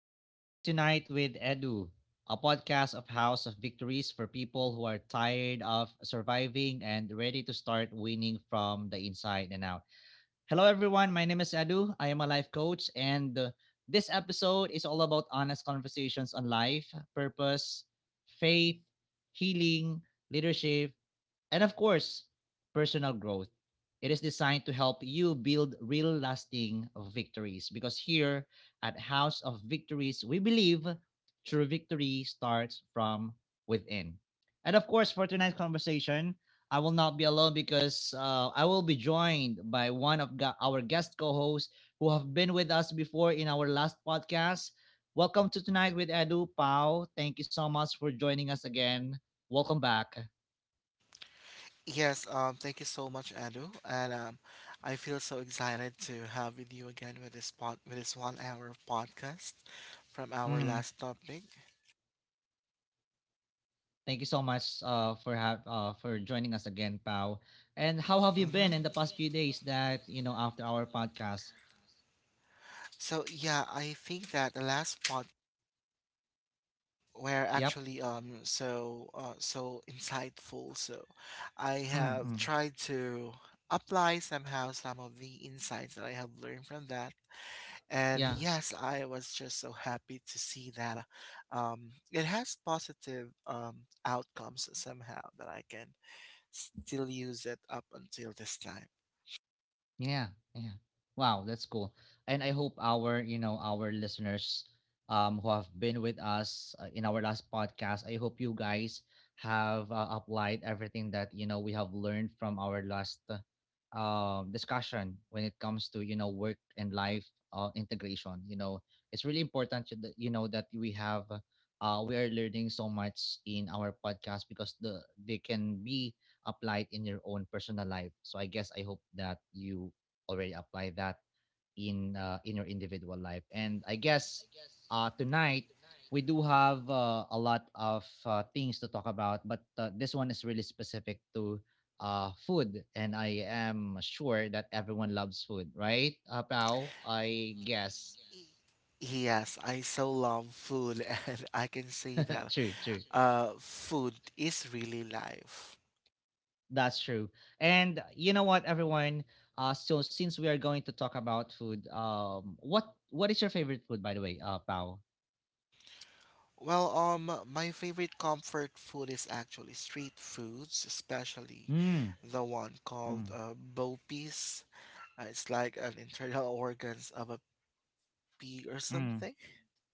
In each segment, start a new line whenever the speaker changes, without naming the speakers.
Welcome to Tonight with Edu, a podcast of House of Victories for people who are tired of surviving and ready to start winning from the inside and out. Hello, everyone. My name is Edu. I am a life coach, and this episode is all about honest conversations on life, purpose, faith, healing, leadership, and of course, personal growth. It is designed to help you build real lasting victories because here at House of Victories, we believe true victory starts from within. And of course, for tonight's conversation, I will not be alone because I will be joined by one of our guest co hosts who have been with us before in our last podcast. Welcome to Tonight with Edu Pao. Thank you so much for joining us again. Welcome back.
Yes, thank you so much, Edu, and I feel so excited to have with you again with this one hour of podcast from our
Mm-hmm.
last topic.
Thank you so much for for joining us again, Pau. And how have you been in the
Mm-hmm.
past few days? That after our podcast.
So yeah, I think that the last pod were
Yep.
actually so insightful. So I have
Mm-hmm.
tried to apply somehow some of the insights that I have learned from that. And
Yeah.
yes, I was just so happy to see that it has positive outcomes somehow that I can still use it up until this time.
Yeah, yeah. Wow, that's cool. And I hope our, our listeners who have been with us in our last podcast, I hope you guys have applied everything that, we have learned from our last discussion when it comes to, work and life integration, you know. It's really important to you know that we have we are learning so much in our podcast because they can be apply it in your own personal life. So I guess I hope that you already apply that in your individual life. And I guess tonight we do have a lot of things to talk about, but this one is really specific to food, and I am sure that everyone loves food, right? Pao, I guess.
Yes, I so love food, and I can say that
true, true.
food is really life.
That's true. And you know what, everyone? So since we are going to talk about food, what is your favorite food, by the way, Pao?
Well, my favorite comfort food is actually street foods, especially
Mm,
the one called
mm,
bo peas. It's like an internal organs of a chickpea or
mm,
something.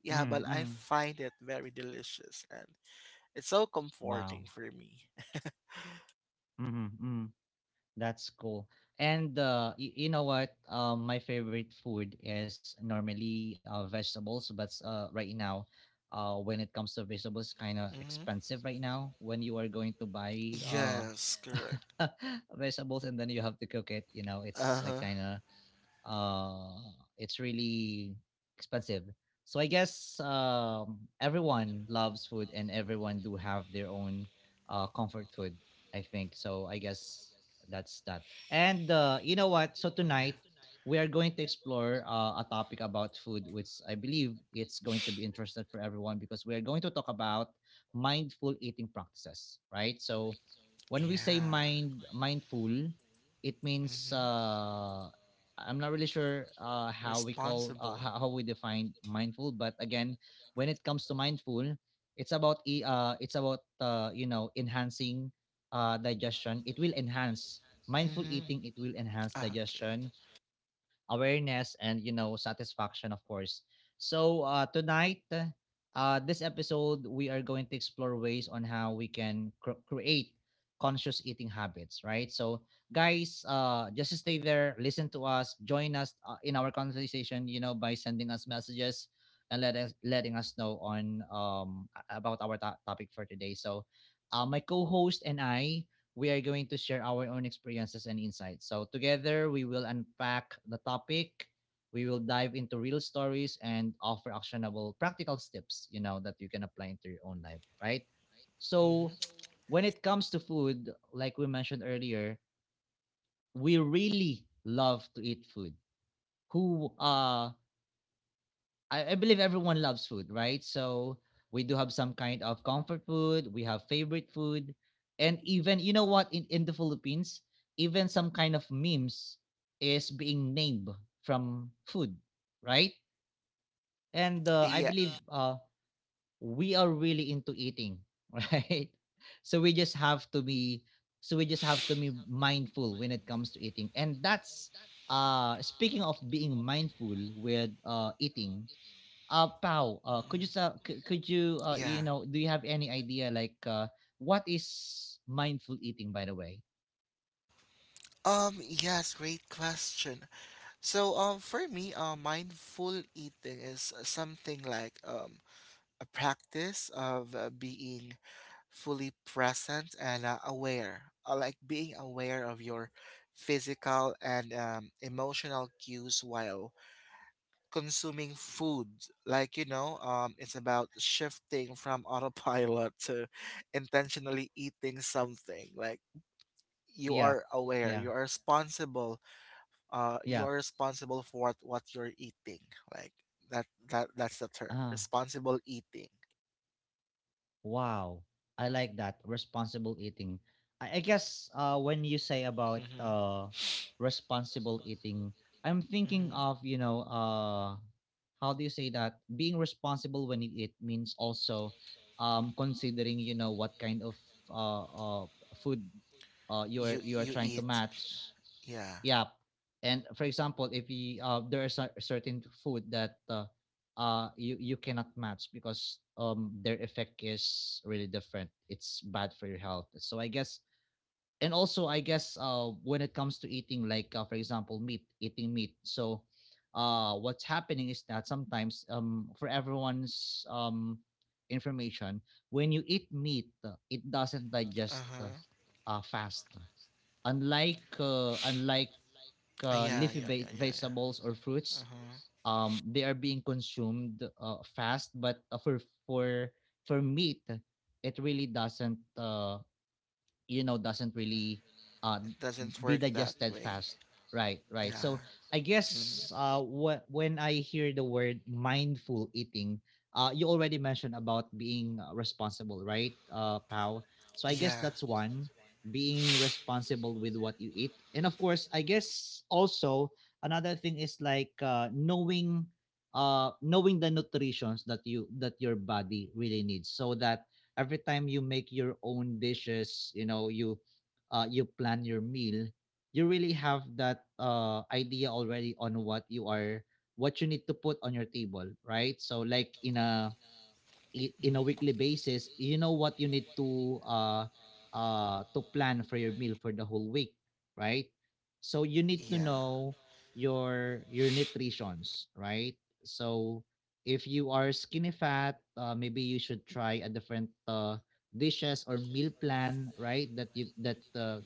Yeah, but
mm,
I
mm.
find it very delicious and it's so comforting
Wow.
for me.
Mm-hmm. Mm. That's cool. And you know what? My favorite food is normally vegetables, but right now, when it comes to vegetables, kind of
Hmm.
expensive right now. When you are going to buy
Yes, correct.
vegetables and then you have to cook it, you know, it's
Uh
like
huh.
kind of uh it's really expensive. So I guess everyone loves food, and everyone do have their own comfort food, I think. So I guess that's that. And you know what, so tonight we are going to explore a topic about food, which I believe it's going to be interesting for everyone, because we are going to talk about mindful eating practices, right? So when we say
Yeah.
mindful, it means
Mm-hmm.
I'm not really sure
Responsible.
how we define mindful, but again, when it comes to mindful, it's about it's about you know enhancing digestion. It will enhance mindful
Mm-hmm.
eating. It will enhance
Okay.
digestion awareness and you know satisfaction, of course. So tonight, this episode we are going to explore ways on how we can create conscious eating habits, right? So guys, just stay there, listen to us, join us in our conversation, you know, by sending us messages and letting us know on about our topic for today. So my co-host and I, we are going to share our own experiences and insights. So together we will unpack the topic, we will dive into real stories and offer actionable practical steps, you know, that you can apply into your own life, right? So
Mm-hmm.
when it comes to food, like we mentioned earlier, we really love to eat food. Who I believe everyone loves food, right? So we do have some kind of comfort food, we have favorite food, and even you know what, in the Philippines, even some kind of memes is being named from food, right? And I
Yeah.
believe we are really into eating, right? So we just have to be so we just have to be mindful when it comes to eating. And that's speaking of being mindful with eating, Pau,
Mhm.
could you,
Yeah.
you know, do you have any idea, like what is mindful eating, by the way?
Yes, great question. So, for me, mindful eating is something like a practice of being fully present and aware, like being aware of your physical and emotional cues while consuming food. Like, you know, it's about shifting from autopilot to intentionally eating something. Like, you
Yeah,
are aware,
yeah,
you are responsible, you
yeah.
are responsible for what you're eating, like that's the term
Uh-huh.
responsible eating.
Wow. I like that. Responsible eating. I guess when you say about
Mm-hmm.
responsible eating, I'm thinking
Mm-hmm.
of, you know, how do you say that? Being responsible when you eat means also considering, you know, what kind of uh, uh, food
you
you're
you
trying to
eat,
match.
yeah.
Yeah. And for example, if you there is a certain food that you you cannot match because their effect is really different, it's bad for your health. So I guess, and also I guess when it comes to eating, like for example meat, eating meat. So what's happening is that sometimes for everyone's information, when you eat meat it doesn't digest
Uh-huh.
fast, unlike unlike
Yeah
leafy
yeah yeah yeah
vegetables or
yeah.
fruits.
Uh-huh.
They are being consumed fast, but for for meat it really doesn't you know doesn't really uh,
It doesn't
be
work that
digested
way.
fast, right, right.
Yeah.
So I
Mm.
guess when I hear the word mindful eating, you already mentioned about being responsible, right, Pow? So I guess
Yeah.
that's one, being responsible with what you eat. And of course, I guess also another thing is like knowing the nutritions that your body really needs, so that every time you make your own dishes, you know, you plan your meal, you really have that idea already on what you need to put on your table, right? So like in a in a weekly
Mm-hmm.
basis, you know what you need to plan for your meal for the whole week, right? So you need to
Yeah.
know your nutritions, right? So if you are skinny fat, maybe you should try a different dishes or meal plan, right? That you that uh,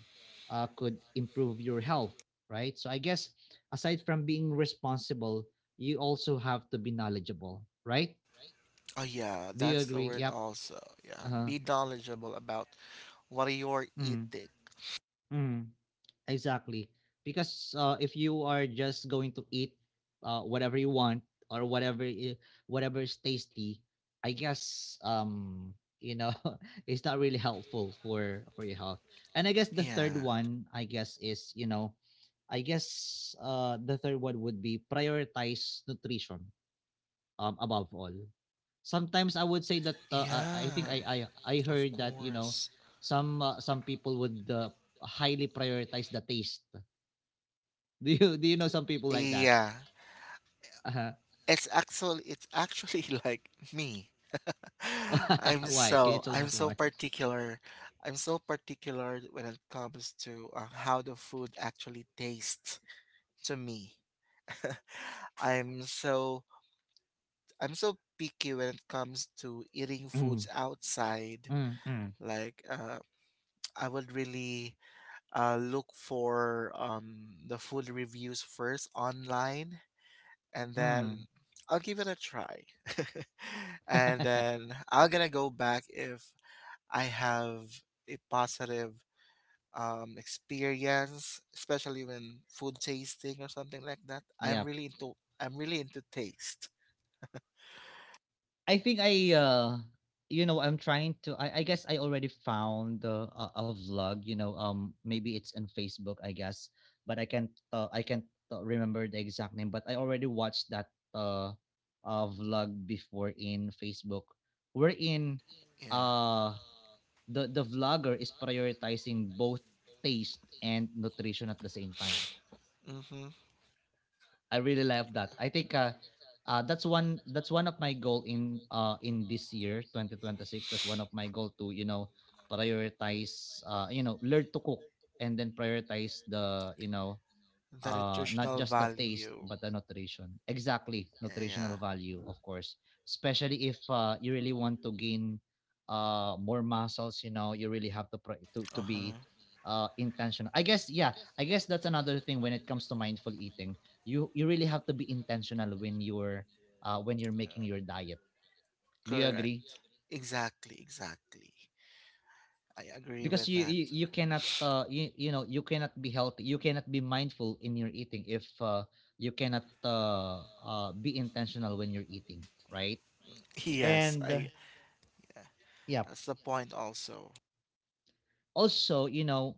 uh, could improve your health, right? So I guess aside from being responsible, you also have to be knowledgeable, right?
Oh yeah,
Do you
that's the
agree?
word
Yep.
also. Yeah,
Uh-huh.
be knowledgeable about what you're
Mm,
eating.
mm, exactly. Because if you are just going to eat whatever you want, or whatever is tasty, I guess you know it's not really helpful for your health. And I guess the
Yeah.
third one, I guess is you know, I guess the third one would be prioritize nutrition above all. Sometimes I would say that I think
Yeah.
I
Of
heard that you know
course.
some people would highly prioritize the taste. Do you know some people like that?
Yeah.
Uh-huh.
It's actually, it's actually like me. I'm
Why? Can you
so
tell
I'm
us
so
more?
particular. I'm so particular when it comes to how the food actually tastes to me. I'm so I'm so picky when it comes to eating
Mm,
foods outside.
mm, mm,
Like I would really look for the food reviews first online, and
mm.
then I'll give it a try. And then I'm gonna go back if I have a positive experience, especially when food tasting or something like that. I'm
Yep.
really into I'm really into taste.
I think I you know I'm trying to I guess I already found a vlog, you know, maybe it's on Facebook, I guess, but I can't remember the exact name, but I already watched that vlog before in Facebook, wherein
Yeah.
uh the vlogger is prioritizing both taste and nutrition at the same time.
Mm-hmm.
I really love that. I think that's one of my goal in this year 2026. That's one of my goal to prioritize learn to cook and then prioritize the
The
not
nutritional
just the taste
value.
but the nutrition, exactly,
Yeah, yeah.
nutritional value, of course, especially if you really want to gain more muscles. You know, you really have to be
Uh-huh.
intentional, I guess. Yeah, I guess that's another thing when it comes to mindful eating. You really have to be intentional when you're making your diet. Do you agree?
Correct. Exactly. Exactly. I agree
Because
with
you
that.
you, you cannot you cannot be healthy, you cannot be mindful in your eating if you cannot be intentional when you're eating, right?
Yes.
And
I.
yeah.
That's the point. Also,
Also, you know,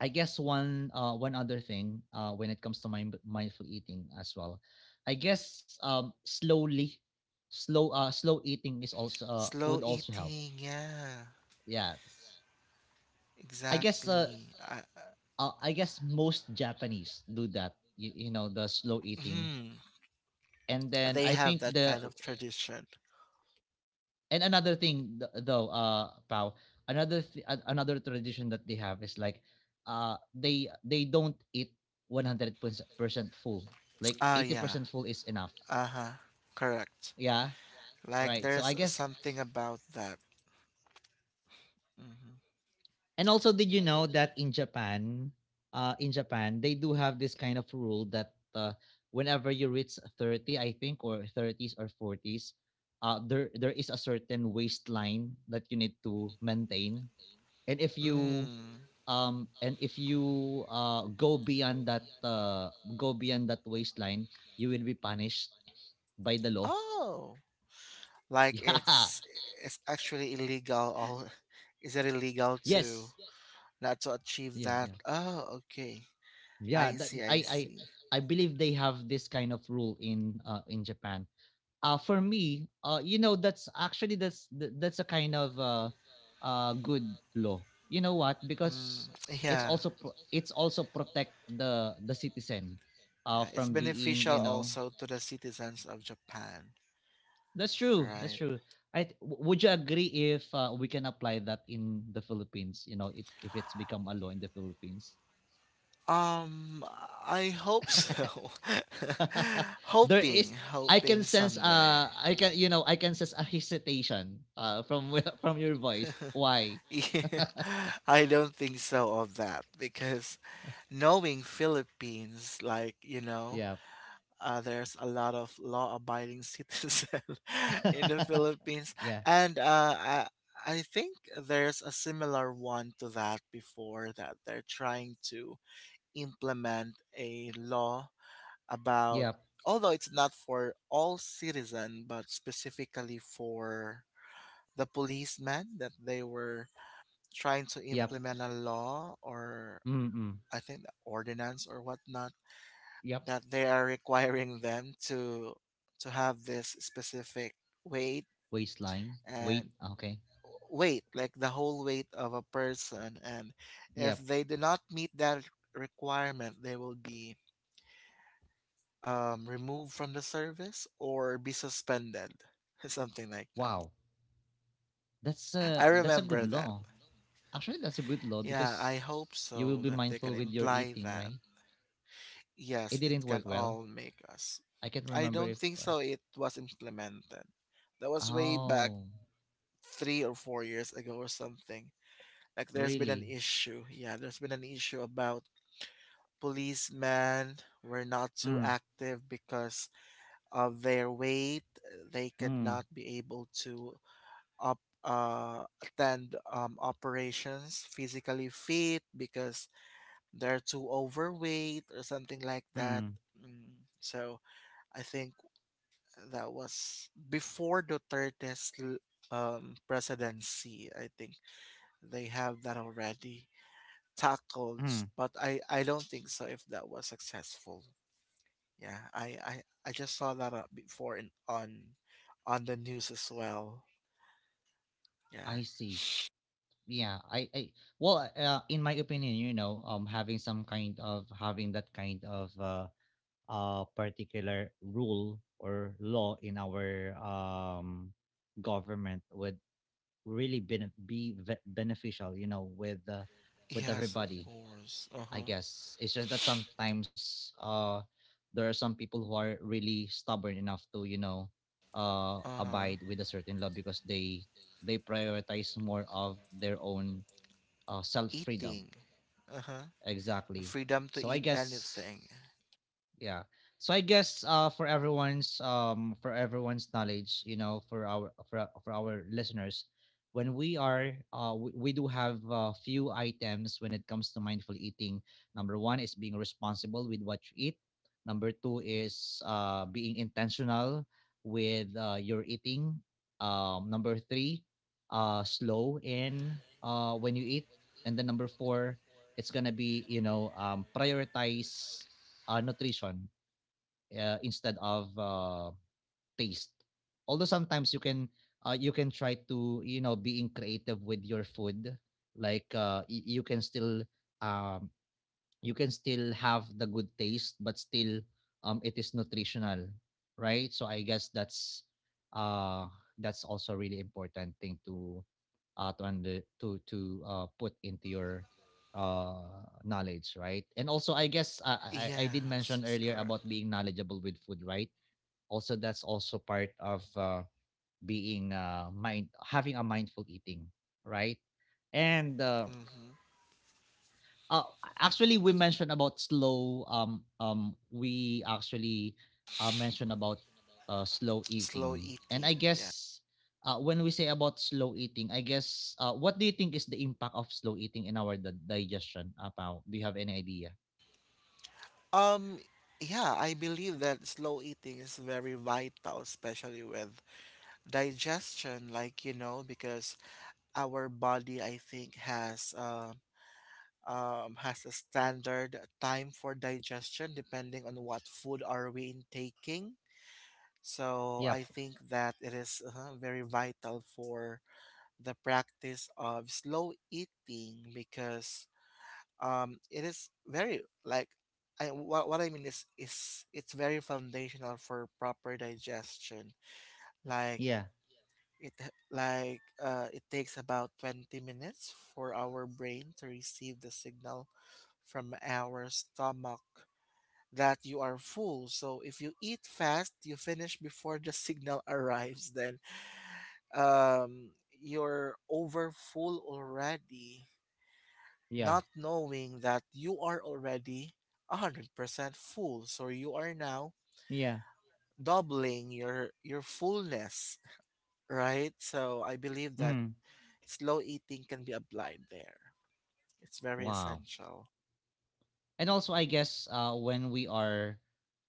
I guess one other thing when it comes to mindful eating as well. I guess slow eating is also would
slow
also help.
eating. Yeah.
Yes, I guess,
Exactly. I,
most Japanese do that. You know, the slow eating.
hmm.
And then
They
I think
have that
the,
kind of tradition.
and another thing, though, Pau, another tradition that they have is like, they don't eat 100% full. Like
Ah,
eighty
yeah.
percent full is enough.
Uh huh. Correct.
Yeah,
Like
right. So
there's
I guess.
something about that. Mm-hmm.
And also, did you know that in Japan they do have this kind of rule that whenever you reach 30, I think, or thirties or forties, there is a certain waistline that you need to maintain. and if you
Mm.
um and if you uh go beyond that waistline, you will be punished by the law.
Oh, like
Yeah.
it's actually illegal. All is it illegal to
Yes.
not to achieve
Yeah,
that?
yeah,
Oh, okay.
yeah,
I
that,
see. I see.
I believe they have this kind of rule in Japan. For me, you know, that's actually that's th- that's a kind of good law. You know what, because
Mm.
it's
Yeah.
also it's also protect the citizen
Yeah. It's
from being,
beneficial
you know.
also to the citizens of Japan,
That's true. That's
right?
true. Would you agree if we can apply that in the Philippines? You know, if it's become a law in the Philippines,
Um, I hope so.
there
Hoping,
is. I can
hoping
sense.
someday.
I can. You know, I can sense a hesitation. From your voice. Why?
Yeah, I don't think so of that, because knowing Philippines, like, you know,
Yeah.
there's a lot of law-abiding citizen in the Philippines,
Yeah.
and I think there's a similar one to that before, that they're trying to implement a law about,
Yep.
although it's not for all citizen but specifically for the policemen, that they were trying to
Yep.
implement a law or
Mm.
I think the ordinance or whatnot,
Yep.
that they are requiring them to have this specific weight,
Waistline.
and
Wait. Okay.
weight like the whole weight of a person, and if
Yep.
they do not meet that requirement they will be removed from the service or be suspended, something like that.
Wow. That's a
I
that's a good
remember that.
law. Actually, that's a good law
Yeah,
because
I hope
you will
so
be
that they can
mindful with your
imply
eating,
that.
right? It
Yes, it
didn't
can
work well.
all make us.
I can't
I
remember
don't
if.
think so it was implemented. That was way back
Oh,
three or four years ago or something. Like there's been an
really?
issue. Yeah, there's been an issue about policemen were not too
Mm,
active because of their weight. They could
mm,
not be able to attend operations physically fit because they're too overweight or something like that.
mm,
Mm, so I think that was before presidency. I think they have that already tackled,
mm.
but I don't think so if that was successful. Yeah, I just saw that before in, on the news as well. Yeah.
I see. Yeah, I well, in my opinion, you know, having that kind of particular rule or law in our government would really be beneficial, you know, with
Yes, of
everybody.
course. Uh
I
huh.
guess it's just that sometimes there are some people who are really stubborn enough to
Uh-huh.
abide with a certain law, because they prioritize more of their own self freedom.
Eating. Uh-huh. The
Exactly.
freedom to
So I
eat
guess.
anything.
Yeah. So, I guess, for everyone's knowledge, you know, for for our listeners, when we do have a few items when it comes to mindful eating. Number one is being responsible with what you eat. Number two is being intentional with your eating. Number three, slow in when you eat. And then number four, it's gonna be, prioritize nutrition, instead of taste. Although sometimes you can, you can try to, you know, being creative with your food, like, you can still, um, you can still have the good taste but still, it is nutritional, right? So I guess uh that's also a really important thing to, to under to put into your knowledge, right? And also, I guess, I did
Yes,
mention
it's
earlier about
correct.
being knowledgeable with food, right? Also, that's also part of being mind having a mindful eating, right? And
Mm-hmm.
uh, actually, we mentioned about slow we actually mentioned about slow
Slow
eating, and I
eating. Yeah.
guess, when we say about slow eating, I guess, what do you think is the impact of slow eating in our digestion about? Do you have any idea?
Um yeah, I believe that slow eating is very vital, especially with digestion, like you know, because our body I think has a standard time for digestion depending on what food are we intaking. So
Yep.
I think that it is very vital for the practice of slow eating, because it is very like I what I mean is, it's very foundational for proper digestion. Like
Yeah.
it takes about 20 minutes for our brain to receive the signal from our stomach that you are full. So if you eat fast, you finish before the signal arrives, then um you're over full already,
Yeah.
not knowing that you are already 100% full, so you are now
Yeah.
doubling your fullness, right? So I believe that
Mm.
slow eating can be applied there. It's very
Wow.
essential.
And also, I guess, uh when we are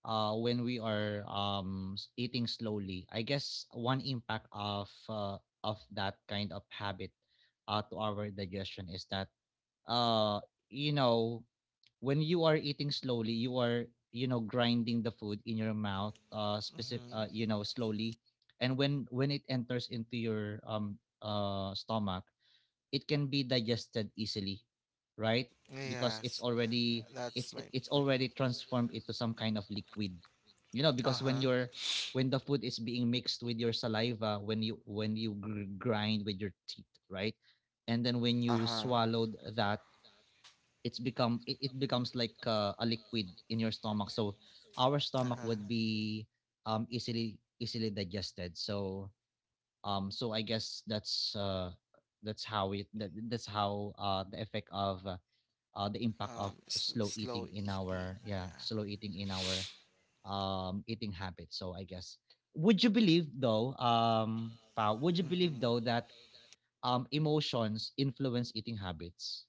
uh when we are eating slowly, I guess one impact of, that kind of habit to our digestion is that, uh you know, when you are eating slowly, you are, you know, grinding the food in your mouth, specific
Mm-hmm.
you know, slowly. And when it enters into your stomach, it can be digested easily, right? Because it's
Yes,
already
and that's
it's
my
it's
point.
already transformed into some kind of liquid. You know, because
Uh-huh.
when the food is being mixed with your saliva, when you grind with your teeth, right? And then when you
Uh-huh.
swallowed that, it becomes like, a liquid in your stomach. So our stomach
Uh-huh.
would be, easily digested. So, so I guess that's how, the effect of, the impact of slow
Slow
eating in
eating,
our, yeah,
yeah.
slow eating in our eating habits. So I guess, would you believe though, Pao, would you believe though
Mm-hmm.
that emotions influence eating habits?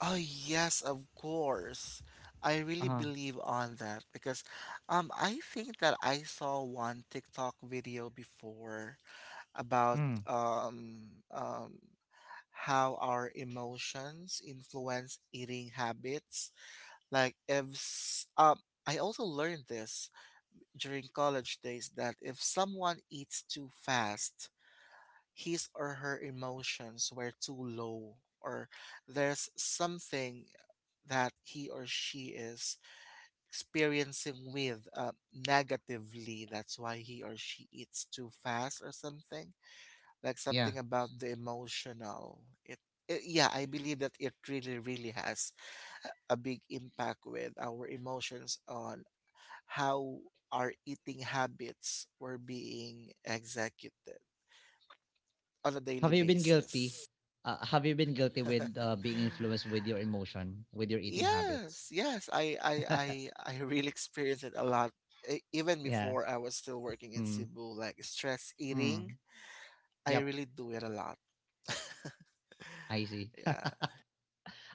Oh yes, of course. I really
Uh-huh.
believe on that because I think that I saw one TikTok video before about
Mm.
um um how our emotions influence eating habits. Like if s- I also learned this during college days that if someone eats too fast, his or her emotions were too low, or there's something that he or she is experiencing with negatively. That's why he or she eats too fast or something. Like
Yeah.
something about the emotional. It Yeah, I believe that it really, really has a big impact with our emotions on how our eating habits were being executed on a daily
have you been guilty
basis.
have you been guilty with being influenced with your emotion, with your eating
Yes,
habits?
yes, I I I I really experienced it a lot. E- even
Yeah.
before I was still working in
Mm.
Cebu, like stress eating,
Mm.
I
Yep.
really do it a lot.
I see.
Yeah,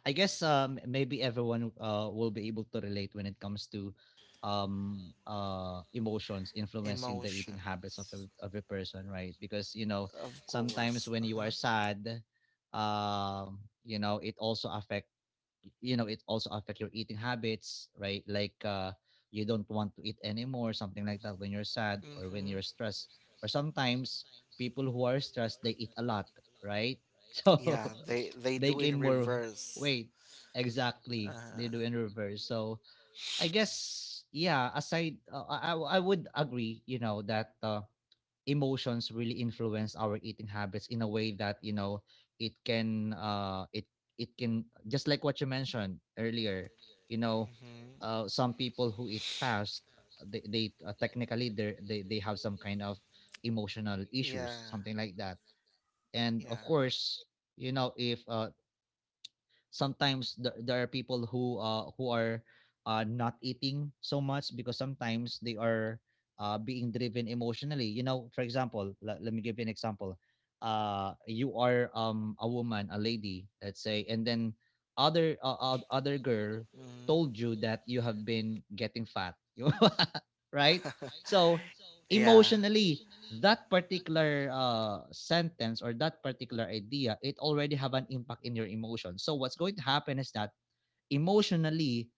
I guess, maybe everyone will be able to relate when it comes to emotions influencing the eating habits of
emotions,
of a person, right? Because, you know,
of
sometimes
course.
when you
Uh-huh.
are sad, um you know it also affect you know, it also affect your eating habits, right? Like, you don't want to eat anymore, something like that when you're sad or when
Mm-hmm.
you're stressed. Or sometimes people who are stressed, they eat a lot, right? So
Yeah, they
they
do in
gain more
reverse.
weight. Exactly, they
Uh,
do in reverse. So I guess, yeah. Aside, I would agree. You know that, emotions really influence our eating habits in a way that, you know, it can uh it it can, just like what you mentioned earlier. You know,
mm-hmm.
some people who eat fast, they technically they have some kind of emotional issues,
Yeah,
something like that. And of
yeah.
course, you know, if, sometimes there are people who are not eating so much because sometimes they are, being driven emotionally, you know. For example, let me give you an example. You are, a lady, let's say, and then other, other girl
Mm-hmm.
told you that you have been getting fat. You, right? So
Yeah.
emotionally, that particular, sentence or that particular idea, it already have an impact in your emotion. So what's going to happen is that emotionally,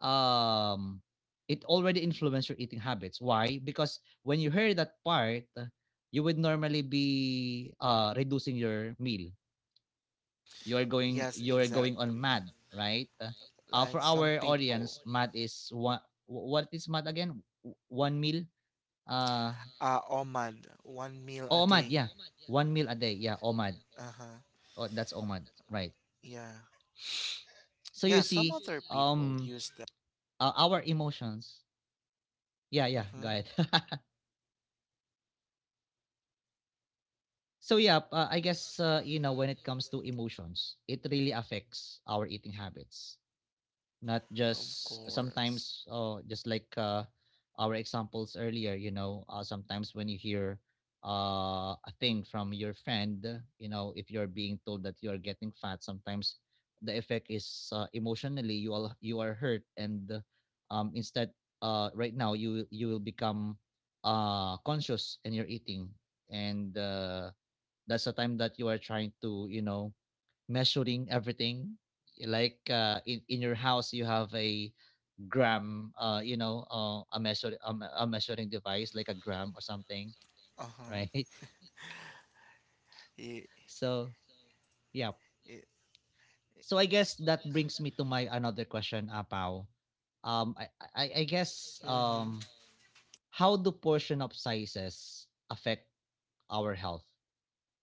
um, it already influenced your eating habits. Why? Because when you hear that part, you would normally be, reducing your meal.
Yes,
You are going on
exactly.
mad, right? For
Like some
our
people.
audience, mad is one. What is mad again? One meal. Uh,
OMAD, one meal a
OMAD,
day.
yeah. One meal a day. Yeah, OMAD.
Uh
Oh,
huh.
that's OMAD. Right.
Yeah.
So you
Yeah, some
see,
other people
um,
use that.
our emotions.
Uh
Yeah, yeah. Go
huh.
ahead. So yeah, I guess, you know, when it comes to emotions, it really affects our eating habits. Not
Of
just
course.
sometimes, oh, just like, our examples earlier, you know, sometimes when you hear, a thing from your friend. You know, if you're being told that you are getting fat, sometimes the effect is, emotionally, you are hurt, and, instead, right now you will become, conscious in your eating. And, that's the time that you are trying to, you know, measuring everything, eh, like, in your house you have a gram, you know, a measure, a measuring device like a gram or something,
Uh huh.
right?
It,
So yeah,
it,
so I guess that brings me to my another question, Apaw. um i I guess,
Mm-hmm.
how do portion of sizes affect our health?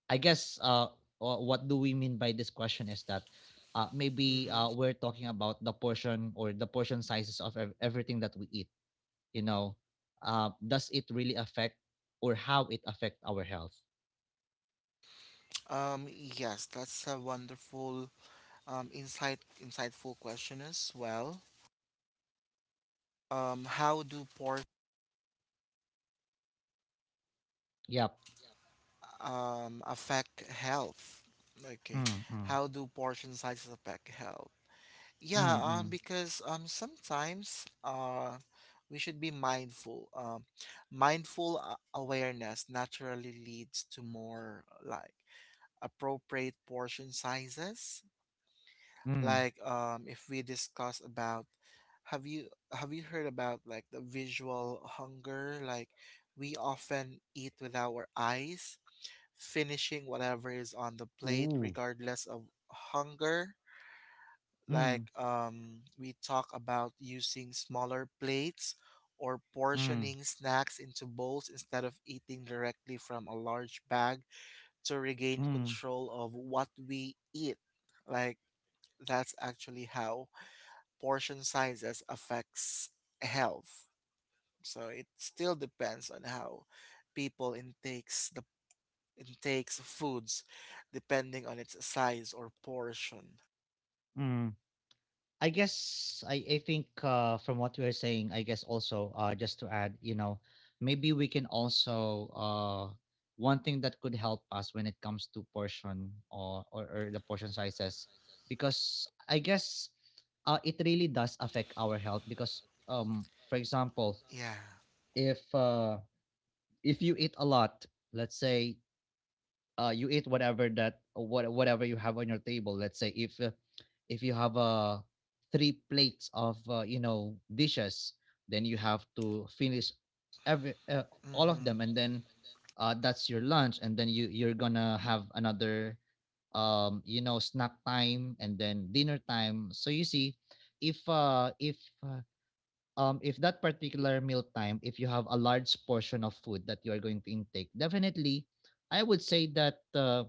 I guess, what do we mean by this question is that, maybe,
Mm-hmm.
we're talking about the portion or the portion sizes of everything that we eat. You know, does it really affect or how it affect our health?
Yes, that's a wonderful, insightful question as well. How do por
Yep.
affect health? Okay,
Mm, mm,
how do portion sizes affect health?
mm,
Yeah,
mm,
because sometimes we should be mindful. Mindful awareness naturally leads to more like appropriate portion sizes.
mm.
Like if we discuss about, have you have you heard about like the visual hunger? Like we often eat with our eyes, finishing whatever is on the plate,
Ooh.
regardless of hunger.
Mm,
Like we talk about using smaller plates or
mm,
portioning snacks into bowls instead of eating directly from a large bag, to regain
mm,
control of what we eat. Like that's actually how portion sizes affects health. So it still depends on how people intakes the intakes foods depending on its size or portion.
mm. I guess, I think, from what we're saying, I guess also, just to add, you know, maybe we can also, one thing that could help us when it comes to portion, or the portion sizes, because I guess, it really does affect our health. Because, for example,
Yeah.
if uh, if you eat a lot, let's say, you eat whatever that, whatever you have on your table. Let's say if, you have, three plates of, you know, dishes, then you have to finish every all of
Mhm.
them, and then, that's your lunch, and then you're gonna have another, you know, snack time, and then dinner time. So you see, if uh, if uh, if that particular meal time, if you have a large portion of food that you are going to intake, definitely, I would say that,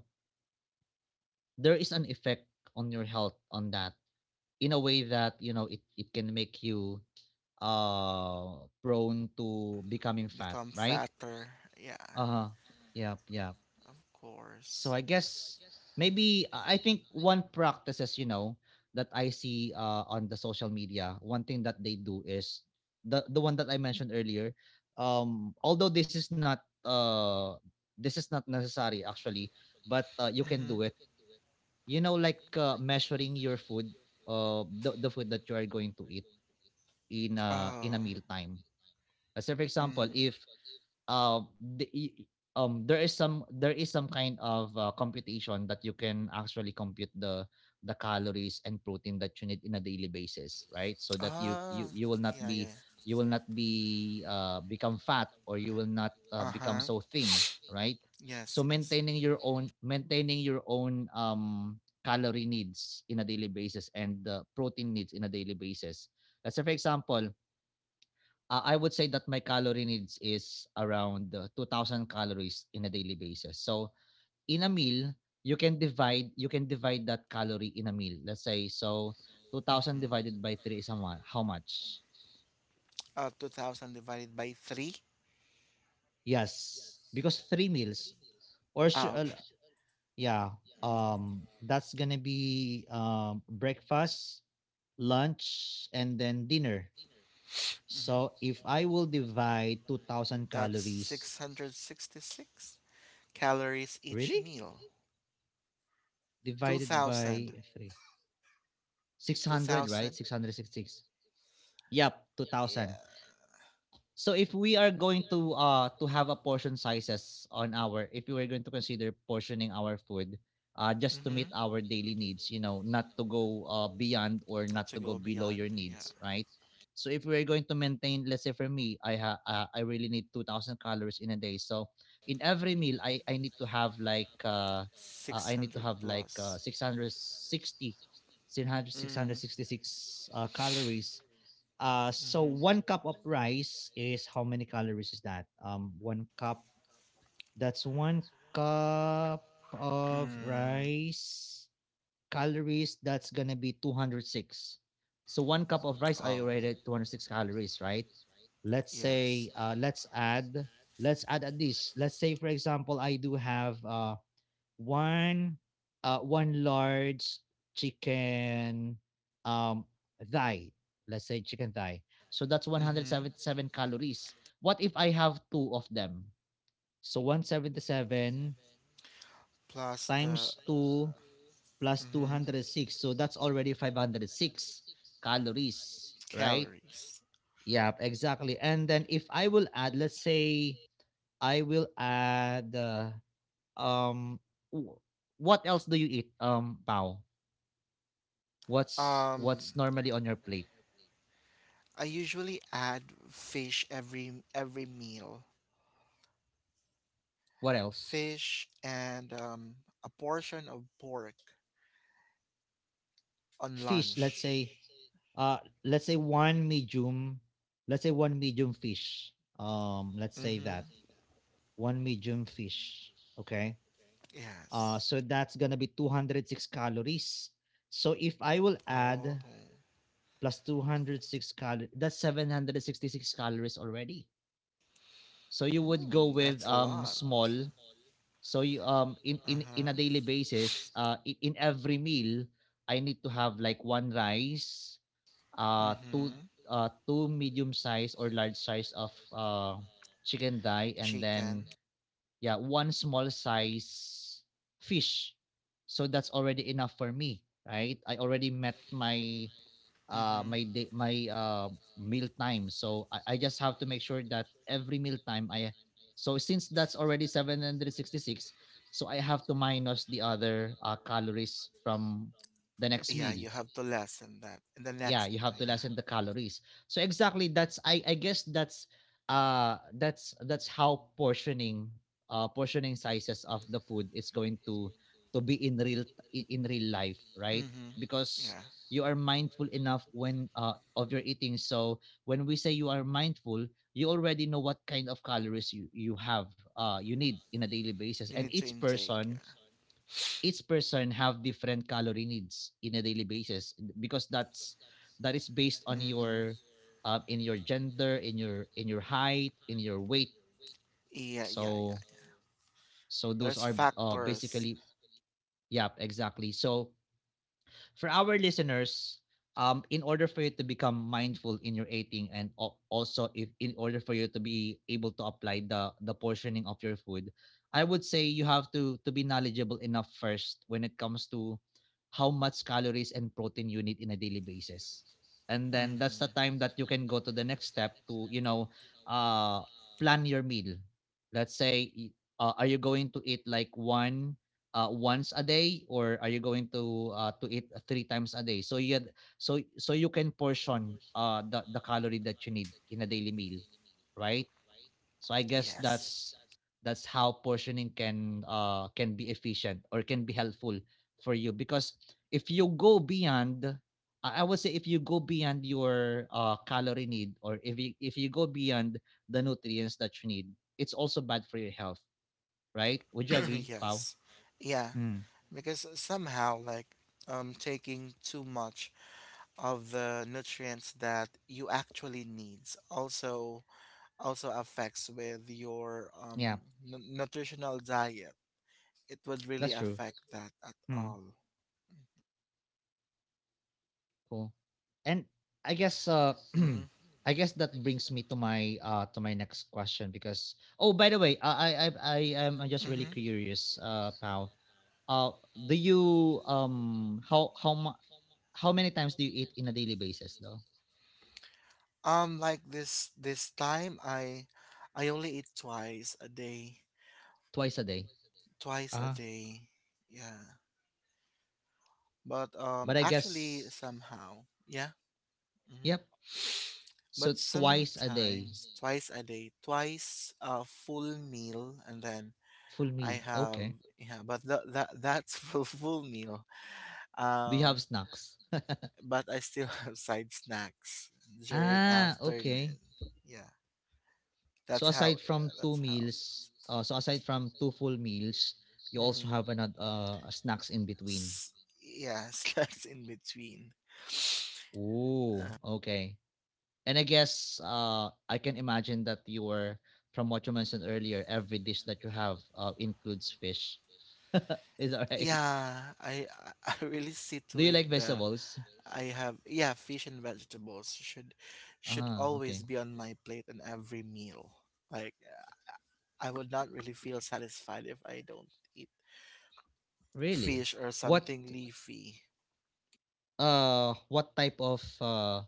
there is an effect on your health on that, in a way that, you know, it can make you prone to becoming fat,
Become
right?
fatter. Yeah,
Uh huh. Yeah. Yeah.
of
So
course.
I guess maybe I think one practices, you know, that I see on the social media, one thing that they do is the one that I mentioned earlier. Although uh this is not necessary actually, but you can do it.
Mm-hmm.
You know, like measuring your food, the food that you are going to eat in a
Oh.
meal time. So for example,
Mm-hmm.
if uh, the, e, there is some kind of computation that you can actually compute the calories and protein that you need in a daily basis, right? So that you
Ah,
you you will not
yeah,
be
yeah.
become fat, or you will not become
Uh-huh.
so thin, right? So
Yes, yes.
maintaining your own calorie needs in a daily basis, and the protein needs in a daily basis. Let's say for example, I would say that my calorie needs is around 2000 calories in a daily basis. So in a meal, you can divide that calorie in a meal. Let's say so 2000
Mm-hmm.
divided by 3 is how how much?
2,000 divided by 3.
Yes, because 3 meals or sh-
Ah,
uh,
okay.
yeah,
Mm-hmm.
that's going to be breakfast, lunch, and then dinner.
Mm-hmm.
So if I will divide 2000
That's
calories,
666 calories each
really?
meal.
Divided by
2,000.
3. 600, right?
2,000.
666. Yup, two
Yeah.
thousand. So if we are going to have a portion sizes on our, if we were going to consider portioning our food just to meet
Mm-hmm.
our daily needs, you know, not to go beyond or
Not
not
to
to go
go
below
beyond.
your
Yeah.
needs, right? So if we're going to maintain, let's say for me, I really need 2000 calories in a day. So in every meal I need to have like I need to
600
have like
plus.
660
Mm,
calories. So one cup of
mm-hmm.
rice is how many calories is that? One cup. That's one cup of
Mm,
rice. Calories. That's gonna be 206. So one cup of rice, I
oh,
already had 206 calories, right? Let's
yes.
say, let's add a dish. Let's say, for example, I do have one one large chicken um thigh, let's say chicken thigh. So that's
Mm-hmm.
177 calories. What if I have two of them? So 177
Plus the
times 2 plus
mm-hmm,
206, so that's already 506 calories, right?
calories.
Yeah, exactly. And then if I will add, let's say I will add um what else do you eat, Pao? what's
Um,
what's normally on your plate?
I usually add fish every meal.
What else?
Fish and a portion of pork on
Fish, let's
lunch.
say. uh let's say one medium, let's say one medium fish. Let's say that
Mm-hmm.
one medium fish, okay. uh
Yes.
so that's gonna be 206 calories. So if I will
Oh.
add plus 206 calories, that's 766 calories already. So you would go
Mm,
with
that's a lot.
small. So you in a
Uh-huh.
daily basis, in every meal, I need to have like one rice, uh two
Mm-hmm.
two medium size or large size of chicken thigh, and then
Chicken.
yeah, one small size fish. So that's already enough for me, right? I already met my uh,
Mm-hmm.
my day, my uh, meal time. So I just have to make sure that every meal time I, so since that's already 766, so I have to minus the other calories from the next
Yeah,
meal.
you have to lessen that. And the
Yeah, you
next,
have to
yeah.
lessen the calories. So exactly, that's I guess that's how portioning portioning sizes of the food is going to be in real, in real life, right?
Mm-hmm.
Because
Yeah.
you are mindful enough when of your eating. So when we say you are mindful, you already know what kind of calories you have you need in a daily basis.
You
And
need to
each
intake.
person,
Yeah.
each person have different calorie needs in a daily basis, because that's that is based on
Mm-hmm.
your in your gender, in your, in your height, in your weight.
Yeah, yeah, yeah,
So
yeah.
so those are
There's
basically
factors.
yeah exactly. So for our listeners, in order for you to become mindful in your eating, and also if in order for you to be able to apply the portioning of your food, I would say you have to be knowledgeable enough first when it comes to how much calories and protein you need in a daily basis. And then that's
Mm-hmm.
the time that you can go to the next step to, you know, uh plan your meal. Let's say are you going to eat like one once a day, or are you going to eat 3 times a day? So you had, so so you can portion the calorie that you need in a daily meal, right? So I guess
Yes.
that's how portioning can be efficient or can be helpful for you, because if you go beyond, I would say if you go beyond your calorie need, or if you go beyond the nutrients that you need, it's also bad for your health, right? Would you agree, Pau?
Yes. Yeah.
Mm.
Because somehow, like, taking too much of the nutrients that you actually needs also, also affects with your nutritional diet. It would really
That's true.
affect that at
Hmm.
all.
Cool. And I guess
Mm-hmm.
I guess that brings me to my next question, because oh by the way, I'm just really
Mm-hmm.
curious Pal. Do you how how many times do you eat in a daily basis though?
Like this time, I only eat twice a day,
Twice a day.
twice a
Ah,
day. Yeah, but
but I
actually
guess
somehow, yeah. Mm-hmm.
yep. So
But
twice a day,
sometimes twice a day, twice a full meal, and then
full
I
meal.
have,
Okay.
yeah, but that's full meal.
Do you
Um,
have snacks?
but I still have side snacks during
Ah, okay.
afternoon. Yeah,
So
that's how.
aside from
Yeah,
2
that's how.
meals, so aside from 2 full meals, you also
Mm-hmm.
have another snacks in between.
S- yeah, snacks in between.
Ooh, okay. And I guess I can imagine that you were, from what you mentioned earlier, every dish that you have includes fish. Is that right?
Yeah, I really see
Do
to
you
it
like
that
vegetables?
I have, yeah, fish and vegetables should
Ah,
always
okay.
be on my plate in every meal. Like I would not really feel satisfied if I don't eat
Really?
fish or
What
something leafy.
what type of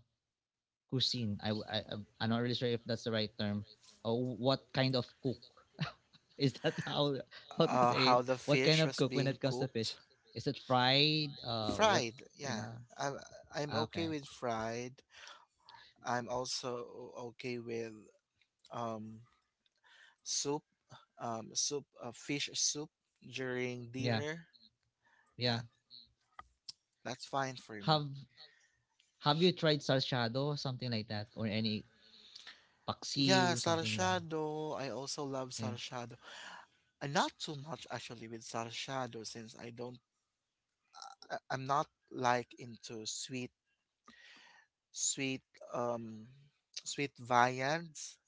cuisine. I am not really sure if that's the right term. What kind of cook? Is that how to say it?
How the
What kind
fish
of
was
cook when
being
it comes to
cooked,
fish? Is it fried? What
fried.
you
Yeah,
know?
I'm I'm
Ah,
okay
okay,
with fried. I'm also okay with um soup, soup, fish soup during
yeah,
dinner.
yeah.
Yeah, that's fine for me.
Have Have you tried salsado, something like that, or any
Yeah,
paksiw, something like?
sarshado. I also love
Yeah.
sarshado. Not too much actually with sarshado since I don't. I'm not like into sweet um sweet viands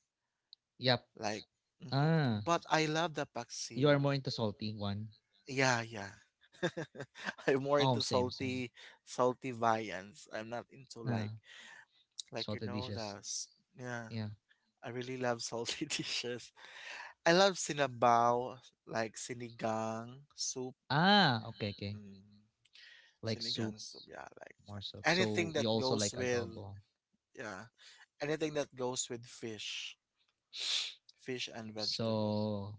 Yep.
like mhm,
Ah,
but I love the
you are
paksiw.
more into salty one.
Yeah, yeah. I'm more
Oh,
into
same, same.
salty viands. I'm not into like
Ah,
like you
salted
know the
dishes.
s- yeah.
Yeah.
I really love salty dishes. I love sinabaw, like sinigang soup.
Ah, okay, okay.
Mm,
Like soup,
sinigang soup, yeah, I like
more
that.
soup.
Anything
So
that
you also
goes
like
with
adobo.
yeah, anything that goes with fish. Fish and vegetable.
So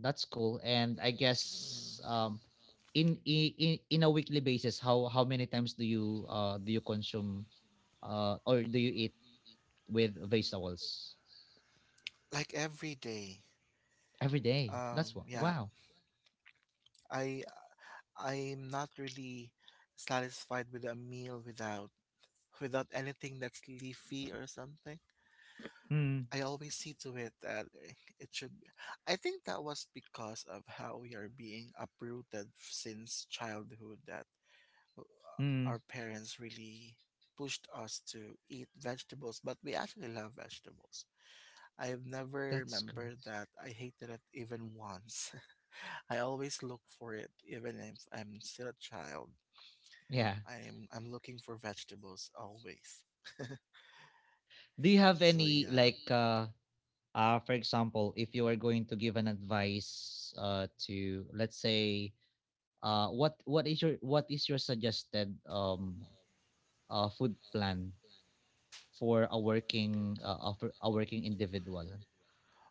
that's cool. And I
Mm.
guess in a weekly basis, how many times do you consume or do you eat with vegetables?
Like every day.
Every day. That's what.
Yeah,
Wow.
I I'm not really satisfied with a meal without without anything that's leafy or something.
Mm,
I always see to it that it should. I think that was because of how we are being uprooted since childhood, that our
mm.
parents really pushed us to eat vegetables, but we actually love vegetables. I have never
That's cool.
remembered that I hated it even once. I always look for it, even if I'm still a child.
Yeah.
I'm looking for vegetables always.
Do you have
So
any
yeah,
like for example, if you are going to give an advice to, let's say, what is your, what is your suggested food plan for a working individual,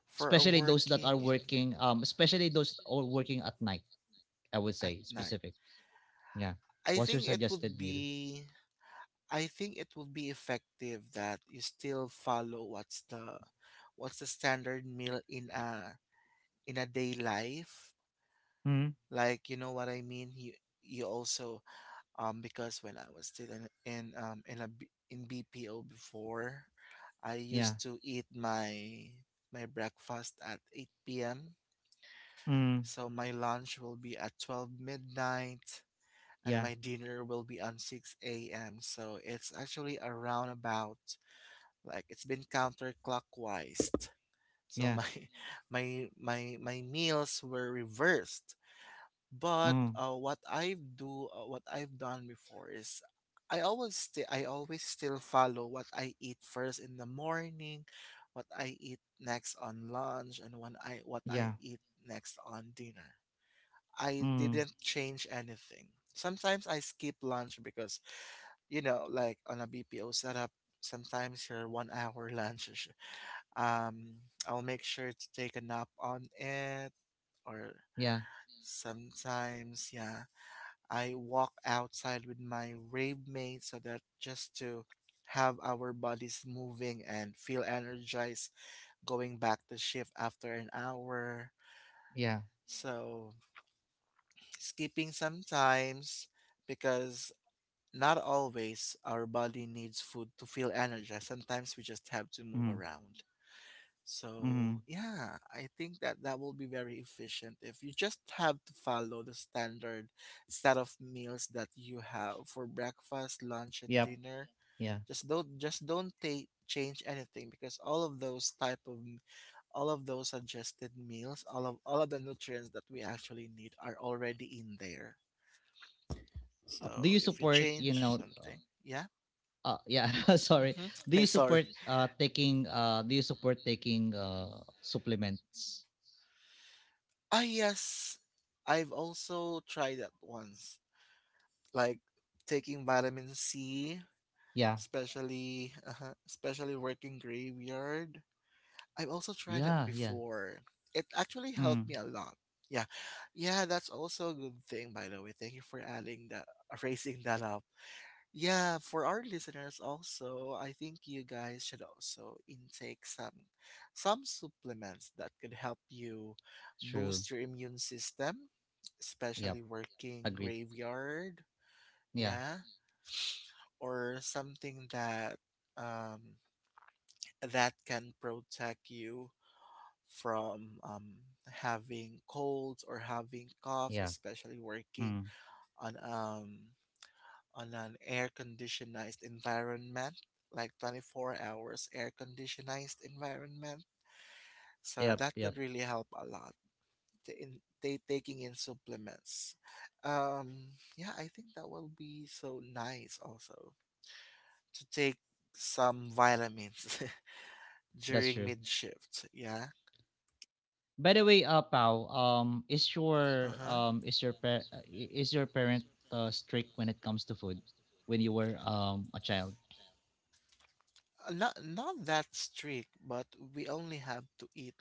for a
especially those that are
working infant
working especially those are working at night, I would
at
say
night,
specific yeah.
I
What's your
think it would
suggested meal?
be I think it would be effective that you still follow what's the standard meal in a day life.
Mm,
Like you know what I mean. You also because when I was still in BPO before, I
yeah.
used to eat my breakfast at 8 p.m.
Mm,
So my lunch will be at 12 midnight and
yeah.
my dinner will be on 6 a.m. So it's actually a roundabout, like it's been counterclockwise. So
Yeah.
my my meals were reversed. But
Mm,
what I've done before is, I always still follow what I eat first in the morning, what I eat next on lunch, and when I what I
yeah.
eat next on dinner. I
Mm,
didn't change anything. Sometimes I skip lunch because you know, like on a BPO setup, sometimes your 1 hour lunch. Um, I'll make sure to take a nap on it, or
yeah
sometimes, yeah, I walk outside with my rave mates so that just to have our bodies moving and feel energized going back to shift after an hour.
yeah.
So, skipping sometimes because not always our body needs food to feel energized. Sometimes we just have to move
Mm,
around. So
mm,
yeah, I think that that will be very efficient if you just have to follow the standard set of meals that you have for breakfast, lunch, and
yep.
dinner.
Yeah.
Just don't take change anything because all of those suggested meals, all of the nutrients that we actually need are already in there.
Do
So
you
if you
support, you
change
know,
something, yeah.
uh, yeah, sorry.
Mm-hmm.
Do you
Hey, sorry.
support taking do you support taking supplements?
Ah, yes. I've also tried that once, like taking vitamin C,
Yeah.
especially especially working graveyard. I've also tried that
Yeah, yeah.
before. It actually
Mm.
helped me a lot. Yeah, yeah, that's also a good thing, by the way. Thank you for adding that, raising that up. Yeah, for our listeners also, I think you guys should also intake some supplements that could help you
True.
boost your immune system,
Yep.
especially working
Agreed.
graveyard.
Yeah.
Yeah, or something that um, that can protect you from having colds or having cough,
Yeah.
especially working
Mm.
on um, on an air conditioned environment, like 24 hours air conditioned environment. So
Yep,
that
yep.
could really help a lot. Taking in supplements. Yeah, I think that will be so nice also to take some vitamins.
That's
During
true.
mid shift. Yeah.
By the way, Pao, is
Uh-huh. Uh
your
huh.
is your is your parent strict when it comes to food when you were a child?
Not that strict, but we only have to eat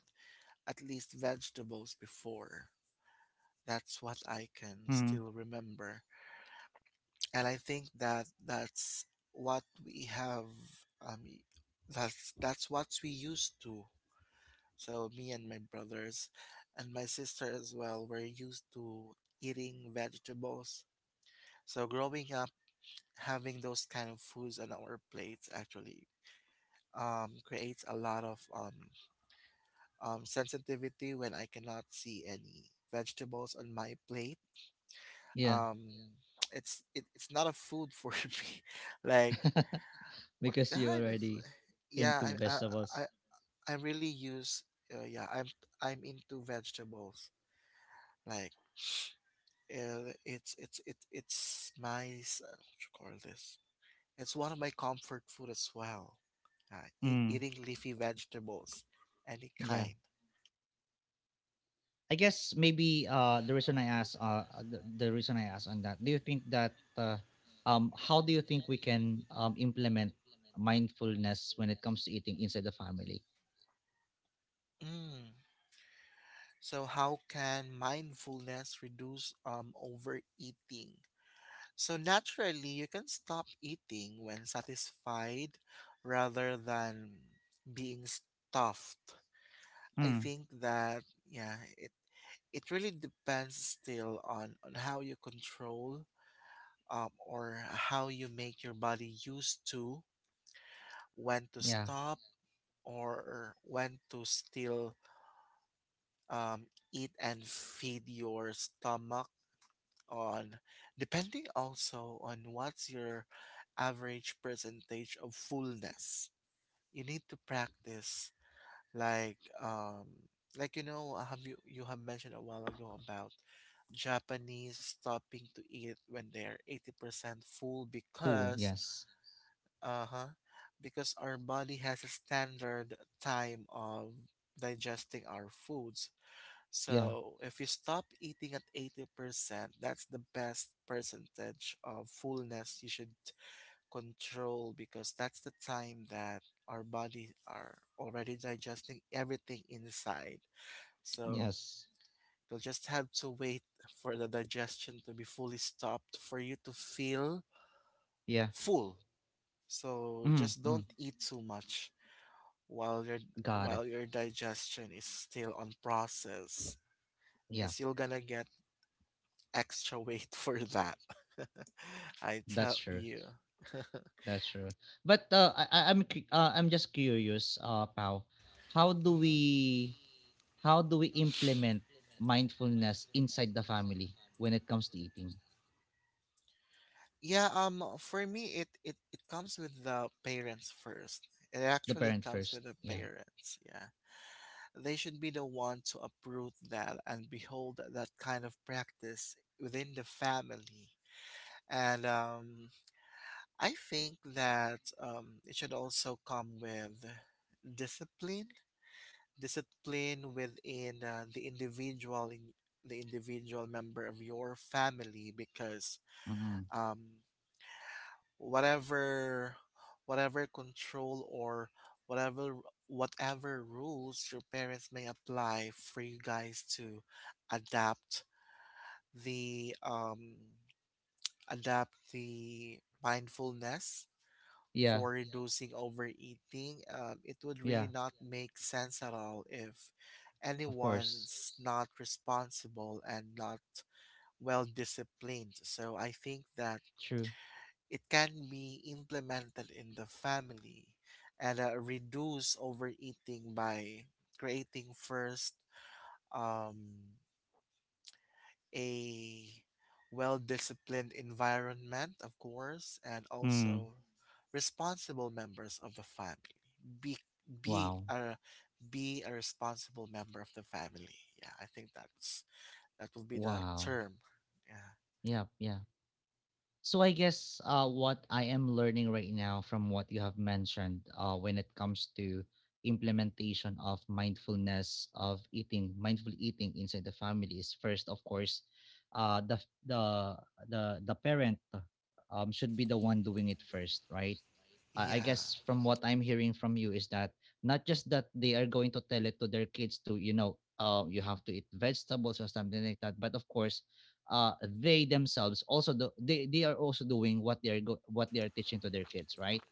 at least vegetables before. That's what I
Mm.
can still remember, and I think that that's what we have. Um, y- that's what we used to. So me and my brothers, and my sister as well, were used to eating vegetables. So growing up, having those kind of foods on our plates actually creates a lot of sensitivity when I cannot see any vegetables on my plate.
Yeah.
Um, it's not a food for me. Like what
Because you
kind of,
already into
yeah, I
vegetables.
I really use yeah, I'm into vegetables, like it's it, it's my s- what you call this, it's one of my comfort food as well.
Mm.
Eating leafy vegetables, any
Yeah.
kind.
I guess maybe the reason I asked on that, do you think that how do you think we can implement mindfulness when it comes to eating inside the family?
Mm. So, how can mindfulness reduce overeating? So, naturally, you can stop eating when satisfied rather than being stuffed. I
Mm.
think that, yeah, it really depends still on how you control, or how you make your body used to when to
Yeah,
stop or when to still um, eat and feed your stomach on, depending also on what's your average percentage of fullness you need to practice. Like you have mentioned a while ago about Japanese stopping to eat when they're 80% full,
full.
because
Yes.
Uh-huh. Because our body has a standard time of digesting our foods.
Yeah.
So if you stop eating at 80%, that's the best percentage of fullness you should control, because that's the time that our body are already digesting everything inside. So
Yes.
you'll just have to wait for the digestion to be fully stopped for you to feel
Yeah.
full. So
Mm.
just
Mm.
don't eat too much while your
Got it.
while your digestion is still on process,
Yeah,
because you're gonna get extra weight for that. I
that's
tell
true.
you.
That's true. But I'm I'm just curious, Pao, how do
Mhm.
we, how do we implement mindfulness inside the family when it comes to eating?
Yeah, for me, it it comes with the parents first. It
The
actually
parents
comes
first.
with the
Yeah.
parents, yeah. They should be the one to approve that and behold that kind of practice within the family. And I think that it should also come with discipline, discipline within the individual in the individual member of your family, because
Mm-hmm.
um whatever whatever control, or whatever whatever rules your parents may apply for you guys to adapt the um adapt the mindfulness
Yeah.
for reducing overeating, it would really
Yeah.
not make sense at all if
Of course.
anyone's not responsible and not well disciplined. So I think that
True.
it can be implemented in the family and reduce overeating by creating first um, a well disciplined environment, of course, and
Mm.
also responsible members of the family. Be be
Wow.
a be a responsible member of the family. Yeah, I think that's that will be the
Wow.
term. Yeah.
Yeah, yeah. So I guess what I am learning right now from what you have mentioned when it comes to implementation of mindfulness of eating, mindful eating inside the family is first, of course, uh, the the the parent should be the one doing it first, right? I
Yeah.
guess from what I'm hearing from you is that not just that they are going to tell it to their kids to, you know, you have to eat vegetables or something like that, but of course uh, they themselves also do, they are also doing what what they are teaching to their kids, right?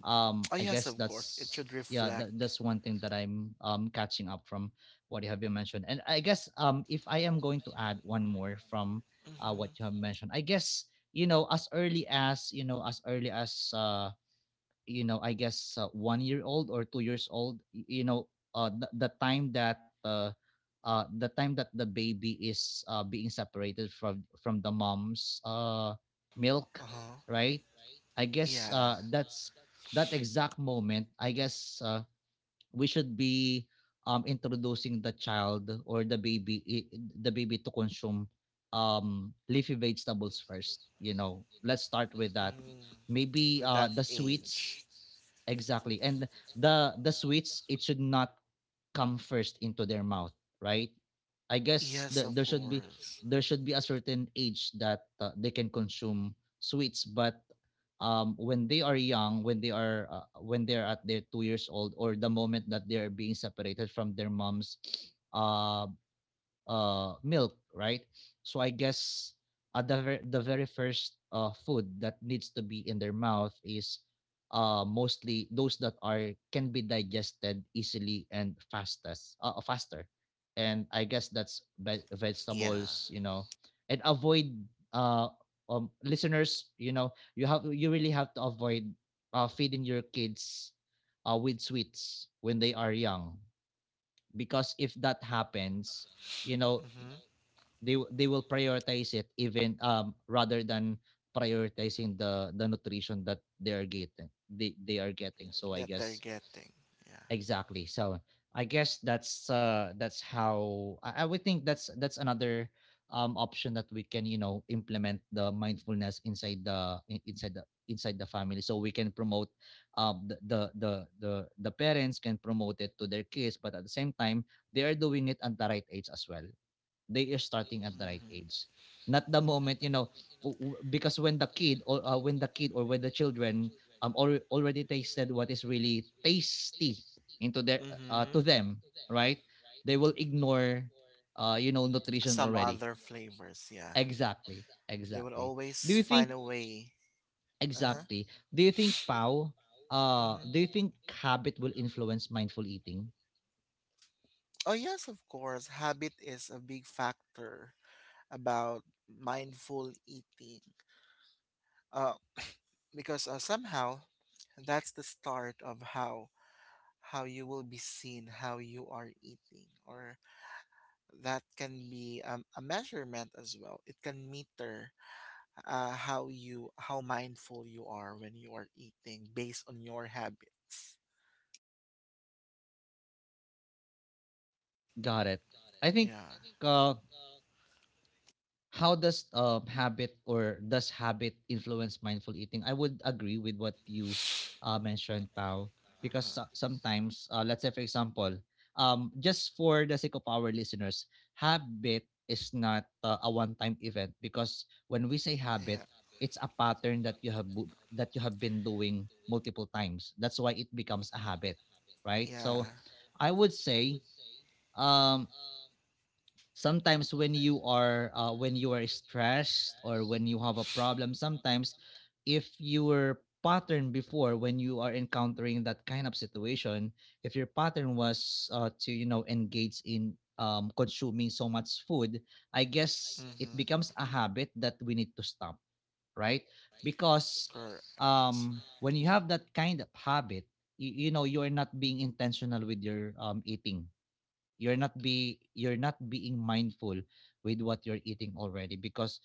Oh
I
yes,
guess
of course. It
that's
should
yeah
reflect.
that's one thing that I'm catching up from what you have been mentioned. And I guess if I am going to add one more from
Mhm.
what you have mentioned, I guess you know as early as you know, I guess 1 year old or 2 years old, you know, the time that the time that the baby is being separated from the mom's milk,
Uh-huh.
right? I guess
Yeah.
that's that exact moment. I guess we should be introducing the child or the the baby to consume leafy vegetables first. You know, let's start with that
Mm,
maybe
with that
the sweets.
age.
Exactly. And the sweets, it should not come first into their mouth, right? I guess
Yes, of course.
there should be a certain age that they can consume sweets. But when they are young, when they are when they're at their 2 years old, or the moment that they are being separated from their moms uh, milk, right? So I guess the very first food that needs to be in their mouth is mostly those that are can be digested easily and fastest faster. And I guess that's
Yeah.
vegetables, you know, and avoid uh listeners, you know, you have you really have to avoid feeding your kids with sweets when they are young, because if that happens, you know,
Mhm.
they will prioritize it even rather than prioritizing the nutrition that they are getting, they are getting. So I
That they're
guess
getting. Yeah.
exactly. So I guess that's how I would think that's another option that we can you know implement the mindfulness inside the inside the family, so we can promote um the the the the parents can promote it to their kids, but at the same time they are doing it at the right age as well. They are starting at the right age, not the moment, you know, because when the kid or when the kid or when the children already tasted what is really tasty into their
Mm-hmm.
to
Mm-hmm.
them, right? They will ignore you know nutrition
Some
already.
other flavors. Yeah.
Exactly,
They would
exactly. do
always
you think
find a way. Uh huh.
Exactly, do you think, Pau, do you think
Mm-hmm.
habit will influence mindful eating?
Oh yes, of course. Habit is a big factor about mindful eating. Uh, because somehow that's the start of how you will be seen, how you are eating, or that can be a measurement as well. It can meter how you how mindful you are when you are eating based on your habits.
Got it. I think
Yeah.
uh how does habit or does habit influence mindful eating? I would agree with what you mentioned, Pao, because
Uh-huh.
sometimes, let's say for example, just for the sake of our listeners, habit is not a one-time event. Because when we say habit,
Yeah.
it's a pattern that you have that you have been doing multiple times. That's why it becomes a habit, right?
Yeah.
So, I would say. Um, sometimes when you are stressed or when you have a problem, sometimes if your pattern before when you are encountering that kind of situation, if your pattern was to you know engage in consuming so much food, I guess it
Mm-hmm.
becomes a habit that we need to stop, right? Because
Correct.
when you have that kind of habit, you know you're not being intentional with your eating. You're not being mindful with what you're eating already, because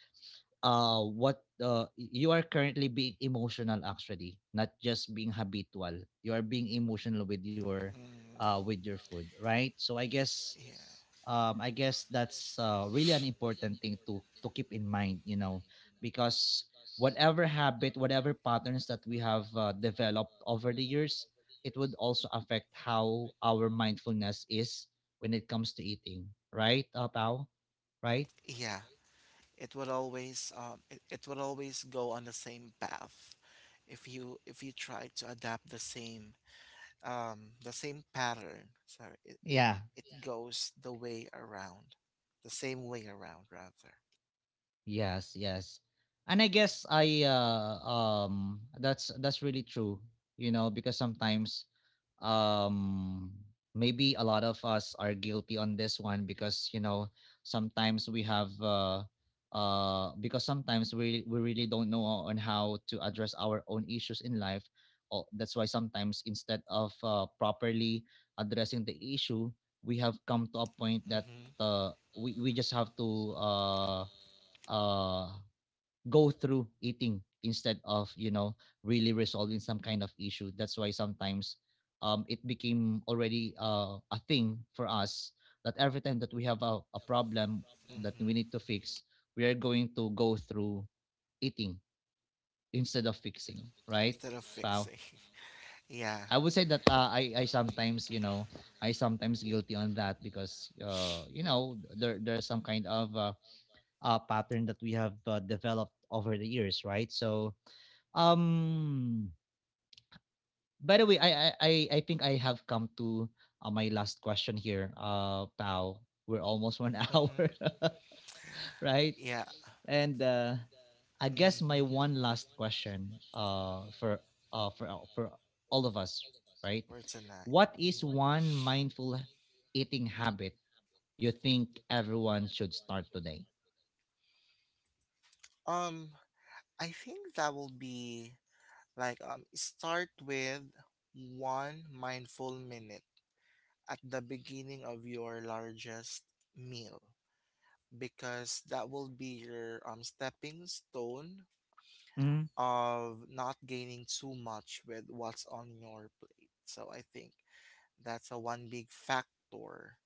what you are currently being emotional actually, not just being habitual. You are being emotional
Mm.
with your food, right? So I guess
Yeah.
I guess that's really an important thing to keep in mind, you know, because whatever habit, whatever patterns that we have developed over the years, it would also affect how our mindfulness is when it comes to eating, right, Pao? Right?
Yeah. It would always it would always go on the same path if you try to adapt the same pattern. So
Yeah.
it goes the way around, the same way around, rather.
Yes, yes. And I guess I that's really true, you know, because sometimes um maybe a lot of us are guilty on this one, because you know sometimes we have because sometimes we really don't know on how to address our own issues in life, or that's why sometimes instead of properly addressing the issue, we have come to a point that
Mm-hmm.
we just have to uh go through eating instead of you know really resolving some kind of issue. That's why sometimes it became already a thing for us that every time that we have a problem that we
Mm-hmm.
need to fix, we are going to go through eating instead of fixing, right,
Instead of
Pao?
fixing. Yeah.
I would say that I sometimes, you know, I sometimes guilty on that, because you know there's some kind of pattern that we have developed over the years, right? So um, by the way, I think I have come to my last question here. Pal, we're almost one hour,
Mm-hmm.
right?
Yeah.
And I guess my
Mm-hmm.
one last question, for for all of us, right?
For tonight.
What is
Hmm.
one mindful eating habit you think everyone should start today?
Um, I think that will be like, start with one mindful minute at the beginning of your largest meal, because that will be your stepping stone
Mm,
of not gaining too much with what's on your plate. So I think that's a one big factor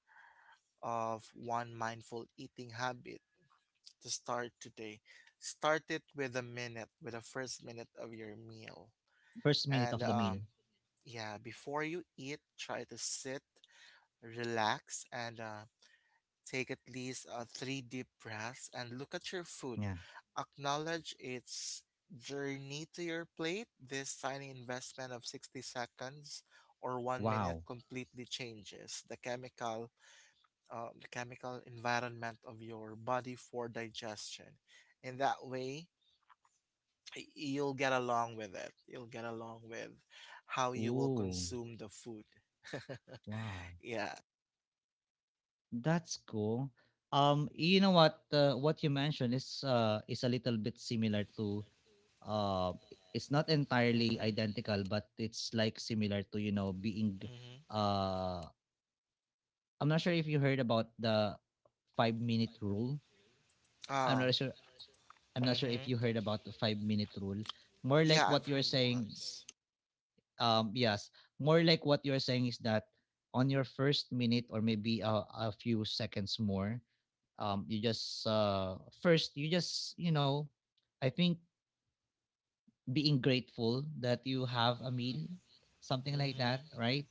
of one mindful eating habit to start today. Start it with a minute, with the first minute of your meal.
first minute of
And
the meal.
yeah, before you eat, try to sit, relax, and take at least three deep breaths and look at your food.
Yeah.
Acknowledge its journey to your plate. This tiny investment of 60 seconds or 1 minute
Wow.
completely changes the chemical environment of your body for digestion. In that way, you'll get along with it. You'll get along with how you will
Ooh,
consume the food.
wow,
Yeah.
that's cool. You know what? What you mentioned is a little bit similar to uh it's not entirely
Mm-hmm.
identical, but it's like similar to you know being
Mm-hmm.
uh I'm not sure if you heard about the 5-minute rule. I'm
Um.
not sure, I'm not sure if you
Mm-hmm.
heard about the 5-minute rule, more like
Yeah,
what
I've
you're
heard
saying.
once.
Yes, more like what you're saying is that on your first minute, or maybe a few seconds more, you just first you just you know I think being grateful that you have a meal, something like that,
Mm-hmm.
right?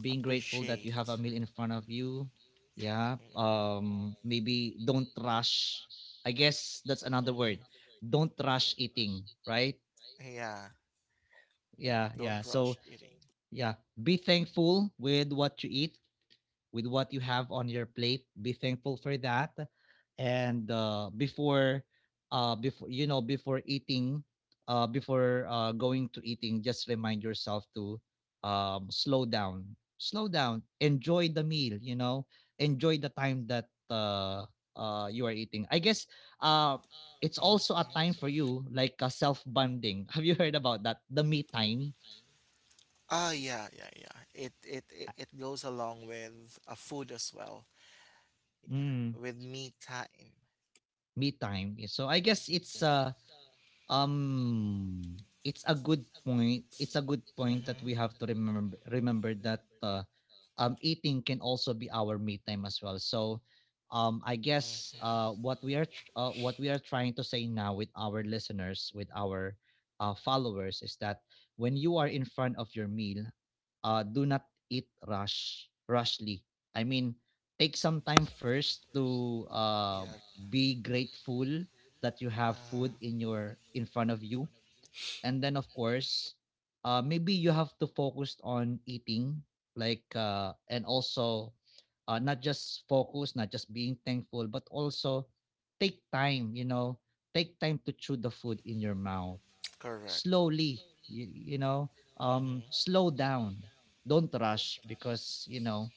Being grateful that you have a
Appreciate.
meal in front of you. Yeah. Maybe don't rush. I guess that's
Mm-hmm.
another
Mm-hmm.
word. Don't rush eating, right?
Yeah.
Yeah, yeah.
Don't rush
So
eating.
yeah, be thankful with what you eat, with what you have on your plate. Be thankful for that. And before you know, before eating, before going to eating, just remind yourself to slow down. Slow down. Enjoy the meal. You know, enjoy the time that you are eating. I guess uh, it's also a time for
Mm-hmm.
you, like a self bonding. Have you heard about that? The me time.
Ah, yeah, yeah, yeah.
Uh,
It goes along with a food as well,
Mm,
with me time.
me time. So I guess Um, it's a good point. It's a good point that
Mm-hmm.
we have to remember that eating can also be our me time as well. So, I guess
Mm-hmm.
what we are trying to say now with our listeners, with our followers, is that when you are in front of your meal, do not eat rush rushly. I mean, take some time first to
Yeah.
be grateful that you have
Uh,
food in your in front of you, and then of course maybe you have to focus on eating, like and also, not just being thankful, but also take time, you know, take time to chew the food in your mouth
correct.
slowly, you know slow
Mm-hmm.
down. Don't rush, because you know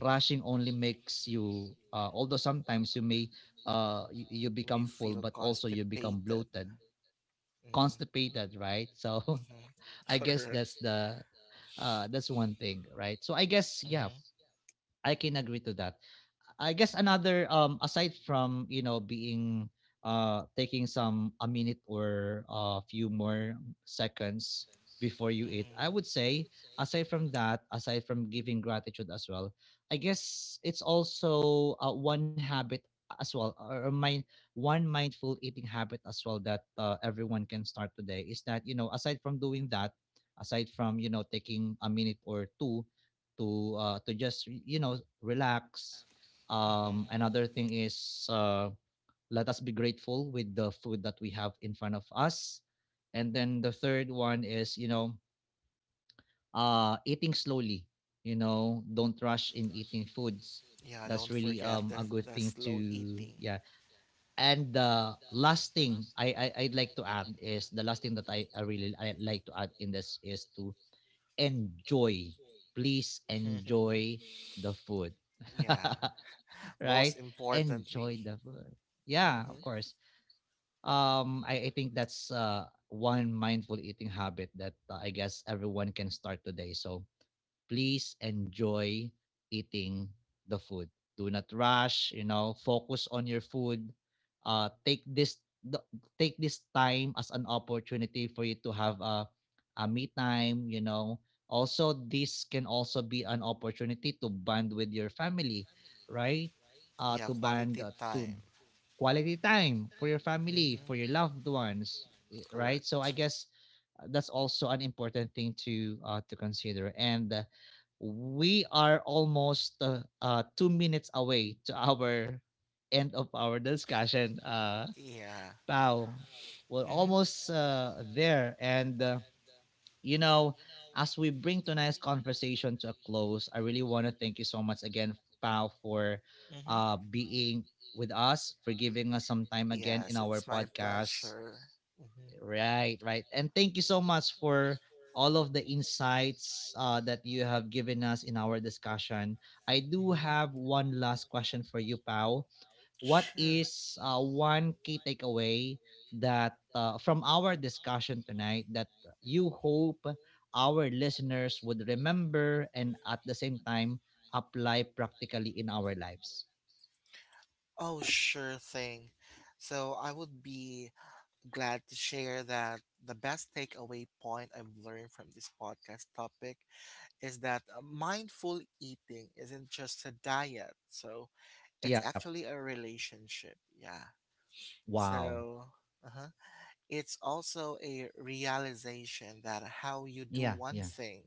rushing only makes you although sometimes you may you
You may
become full,
feel
but also you become
constipated.
bloated,
Mm-hmm.
constipated, right? So
Mm-hmm.
I guess
Correct.
that's the that's one thing, right? So I guess yeah,
Mm-hmm.
I can agree to that. I guess another aside from you know being taking some a minute or a few more seconds before you eat, I would
Mm-hmm.
say aside from that, aside from giving gratitude as well, I guess it's also one habit as well, or mind one mindful eating habit as well, that everyone can start today, is that you know aside from doing that, aside from you know taking a minute or two to just you know relax, another
Mm-hmm.
thing is let us be grateful with the food that we have in front of us. And then the third one is, you know, eating slowly. You know, don't rush in eating foods.
Yeah.
That's
Don't
really
forget
a good
the
thing
slow
to,
eating.
yeah. And the last thing I I'd like to add, is the last thing that I really I like to add in this, is to enjoy. Please enjoy the food.
Yeah. Most
Right? Enjoy
importantly.
the food. Yeah,
Mm-hmm.
of course. I think that's one mindful eating habit that I guess everyone can start today. So please enjoy eating the food. Do not rush, you know, focus on your food. Take the- take this time as an opportunity for you to have a me time, you know. Also, this can also be an opportunity to bond with your family, right?
Yeah. Quality
To
time.
quality time for your family, for your
Mm-hmm.
loved ones, eh, right? So
Correct.
I guess that's also an important thing to consider. And we are almost 2 minutes away to our end of our discussion.
Yeah.
Pao, we're
Mm-hmm.
almost there. And, you know, as we bring tonight's conversation to a close, I really want to thank you so much again, Pao, for being with us, for giving us some time again in
Yes,
our
it's my
podcast.
pleasure. Mm-hmm,
Right, right. And thank you so much for all of the insights that you have given us in our discussion. I do
mm-hmm.
have one last question for you, Pau. What
Sure.
is one key takeaway that from our discussion tonight that you hope our listeners would remember, and at the same time apply practically in our lives?
Oh, sure thing. So I would be glad to share that the best takeaway point I've learned from this podcast topic is that mindful eating isn't just a diet. So it's
Yep.
actually a relationship. Yeah.
Wow.
So, uh-huh. It's also a realization that how you do
Yeah,
one
yeah.
thing,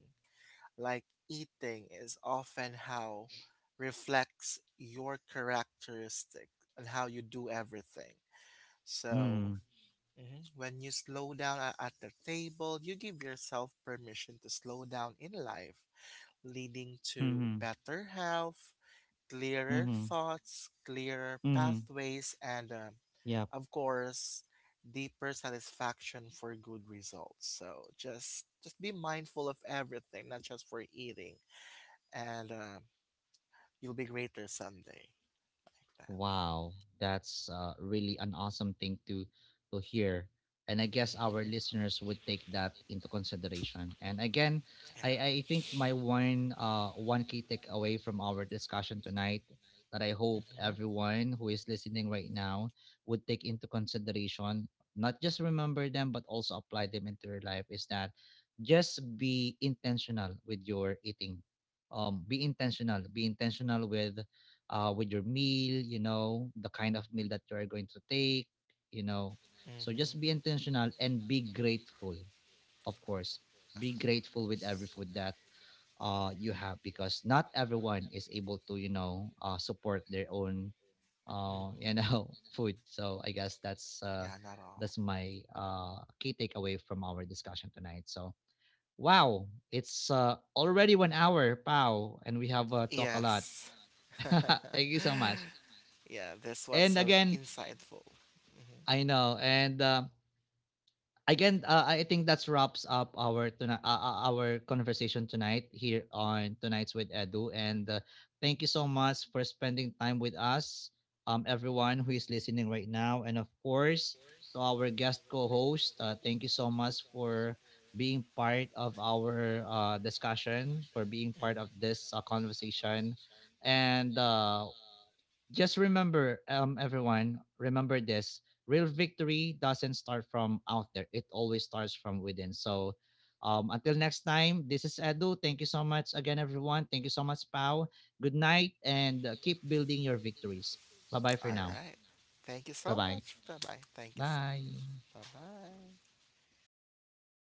like eating, is often how reflects your characteristic and how you do everything.
Mm-hmm.
So, mhm, when you slow down at the table, you give yourself permission to slow down in life, leading to
Hmm.
better health, clearer
Hmm.
thoughts, clearer
Hmm.
pathways, and
Yeah.
of course, deeper satisfaction for good results. So just be mindful of everything, not just for eating, and you'll be greater someday. Like that.
Wow, that's really an awesome thing to hear. And I guess our
Hmm.
listeners would take that into consideration. And again,
Yeah.
I think my one one key takeaway from our discussion tonight, that I hope
Hmm.
everyone who is listening right now would take into consideration, not just remember them but also apply them into your life, is that just be intentional with your eating. Be intentional. Be intentional with your meal, you know, the kind of meal that you are going to take, you know. So
Hmm.
just be intentional and be grateful, of course. Be grateful with every food that you have, because not everyone is able to, you know, support their own, you
Hmm.
know, food. So I guess
Yeah. Not all.
that's my key takeaway from our discussion tonight. So wow, it's already 1 hour, Pao, and we have talked a lot.
Yes.
Thank you so much.
Yeah. This was
And
so
again,
insightful. Hmm.
I know, and I I think that's wraps up our our conversation tonight here on tonight's with Edu. And thank you so much for spending time with us, everyone who is listening right now, and of course to our guest co-host. Thank you so much for being part of our discussion, for being
Hmm.
part of this conversation, and just remember, everyone, remember this: real victory doesn't start from out there; it always starts from within. So, until next time, this is Edu. Thank you so much again, everyone. Thank you so much, Pau. Good night, and keep building your victories. Bye bye for
All
now.
right. Thank you
Bye
so
bye.
much. Bye bye. Thank you so.
Bye.
Bye bye.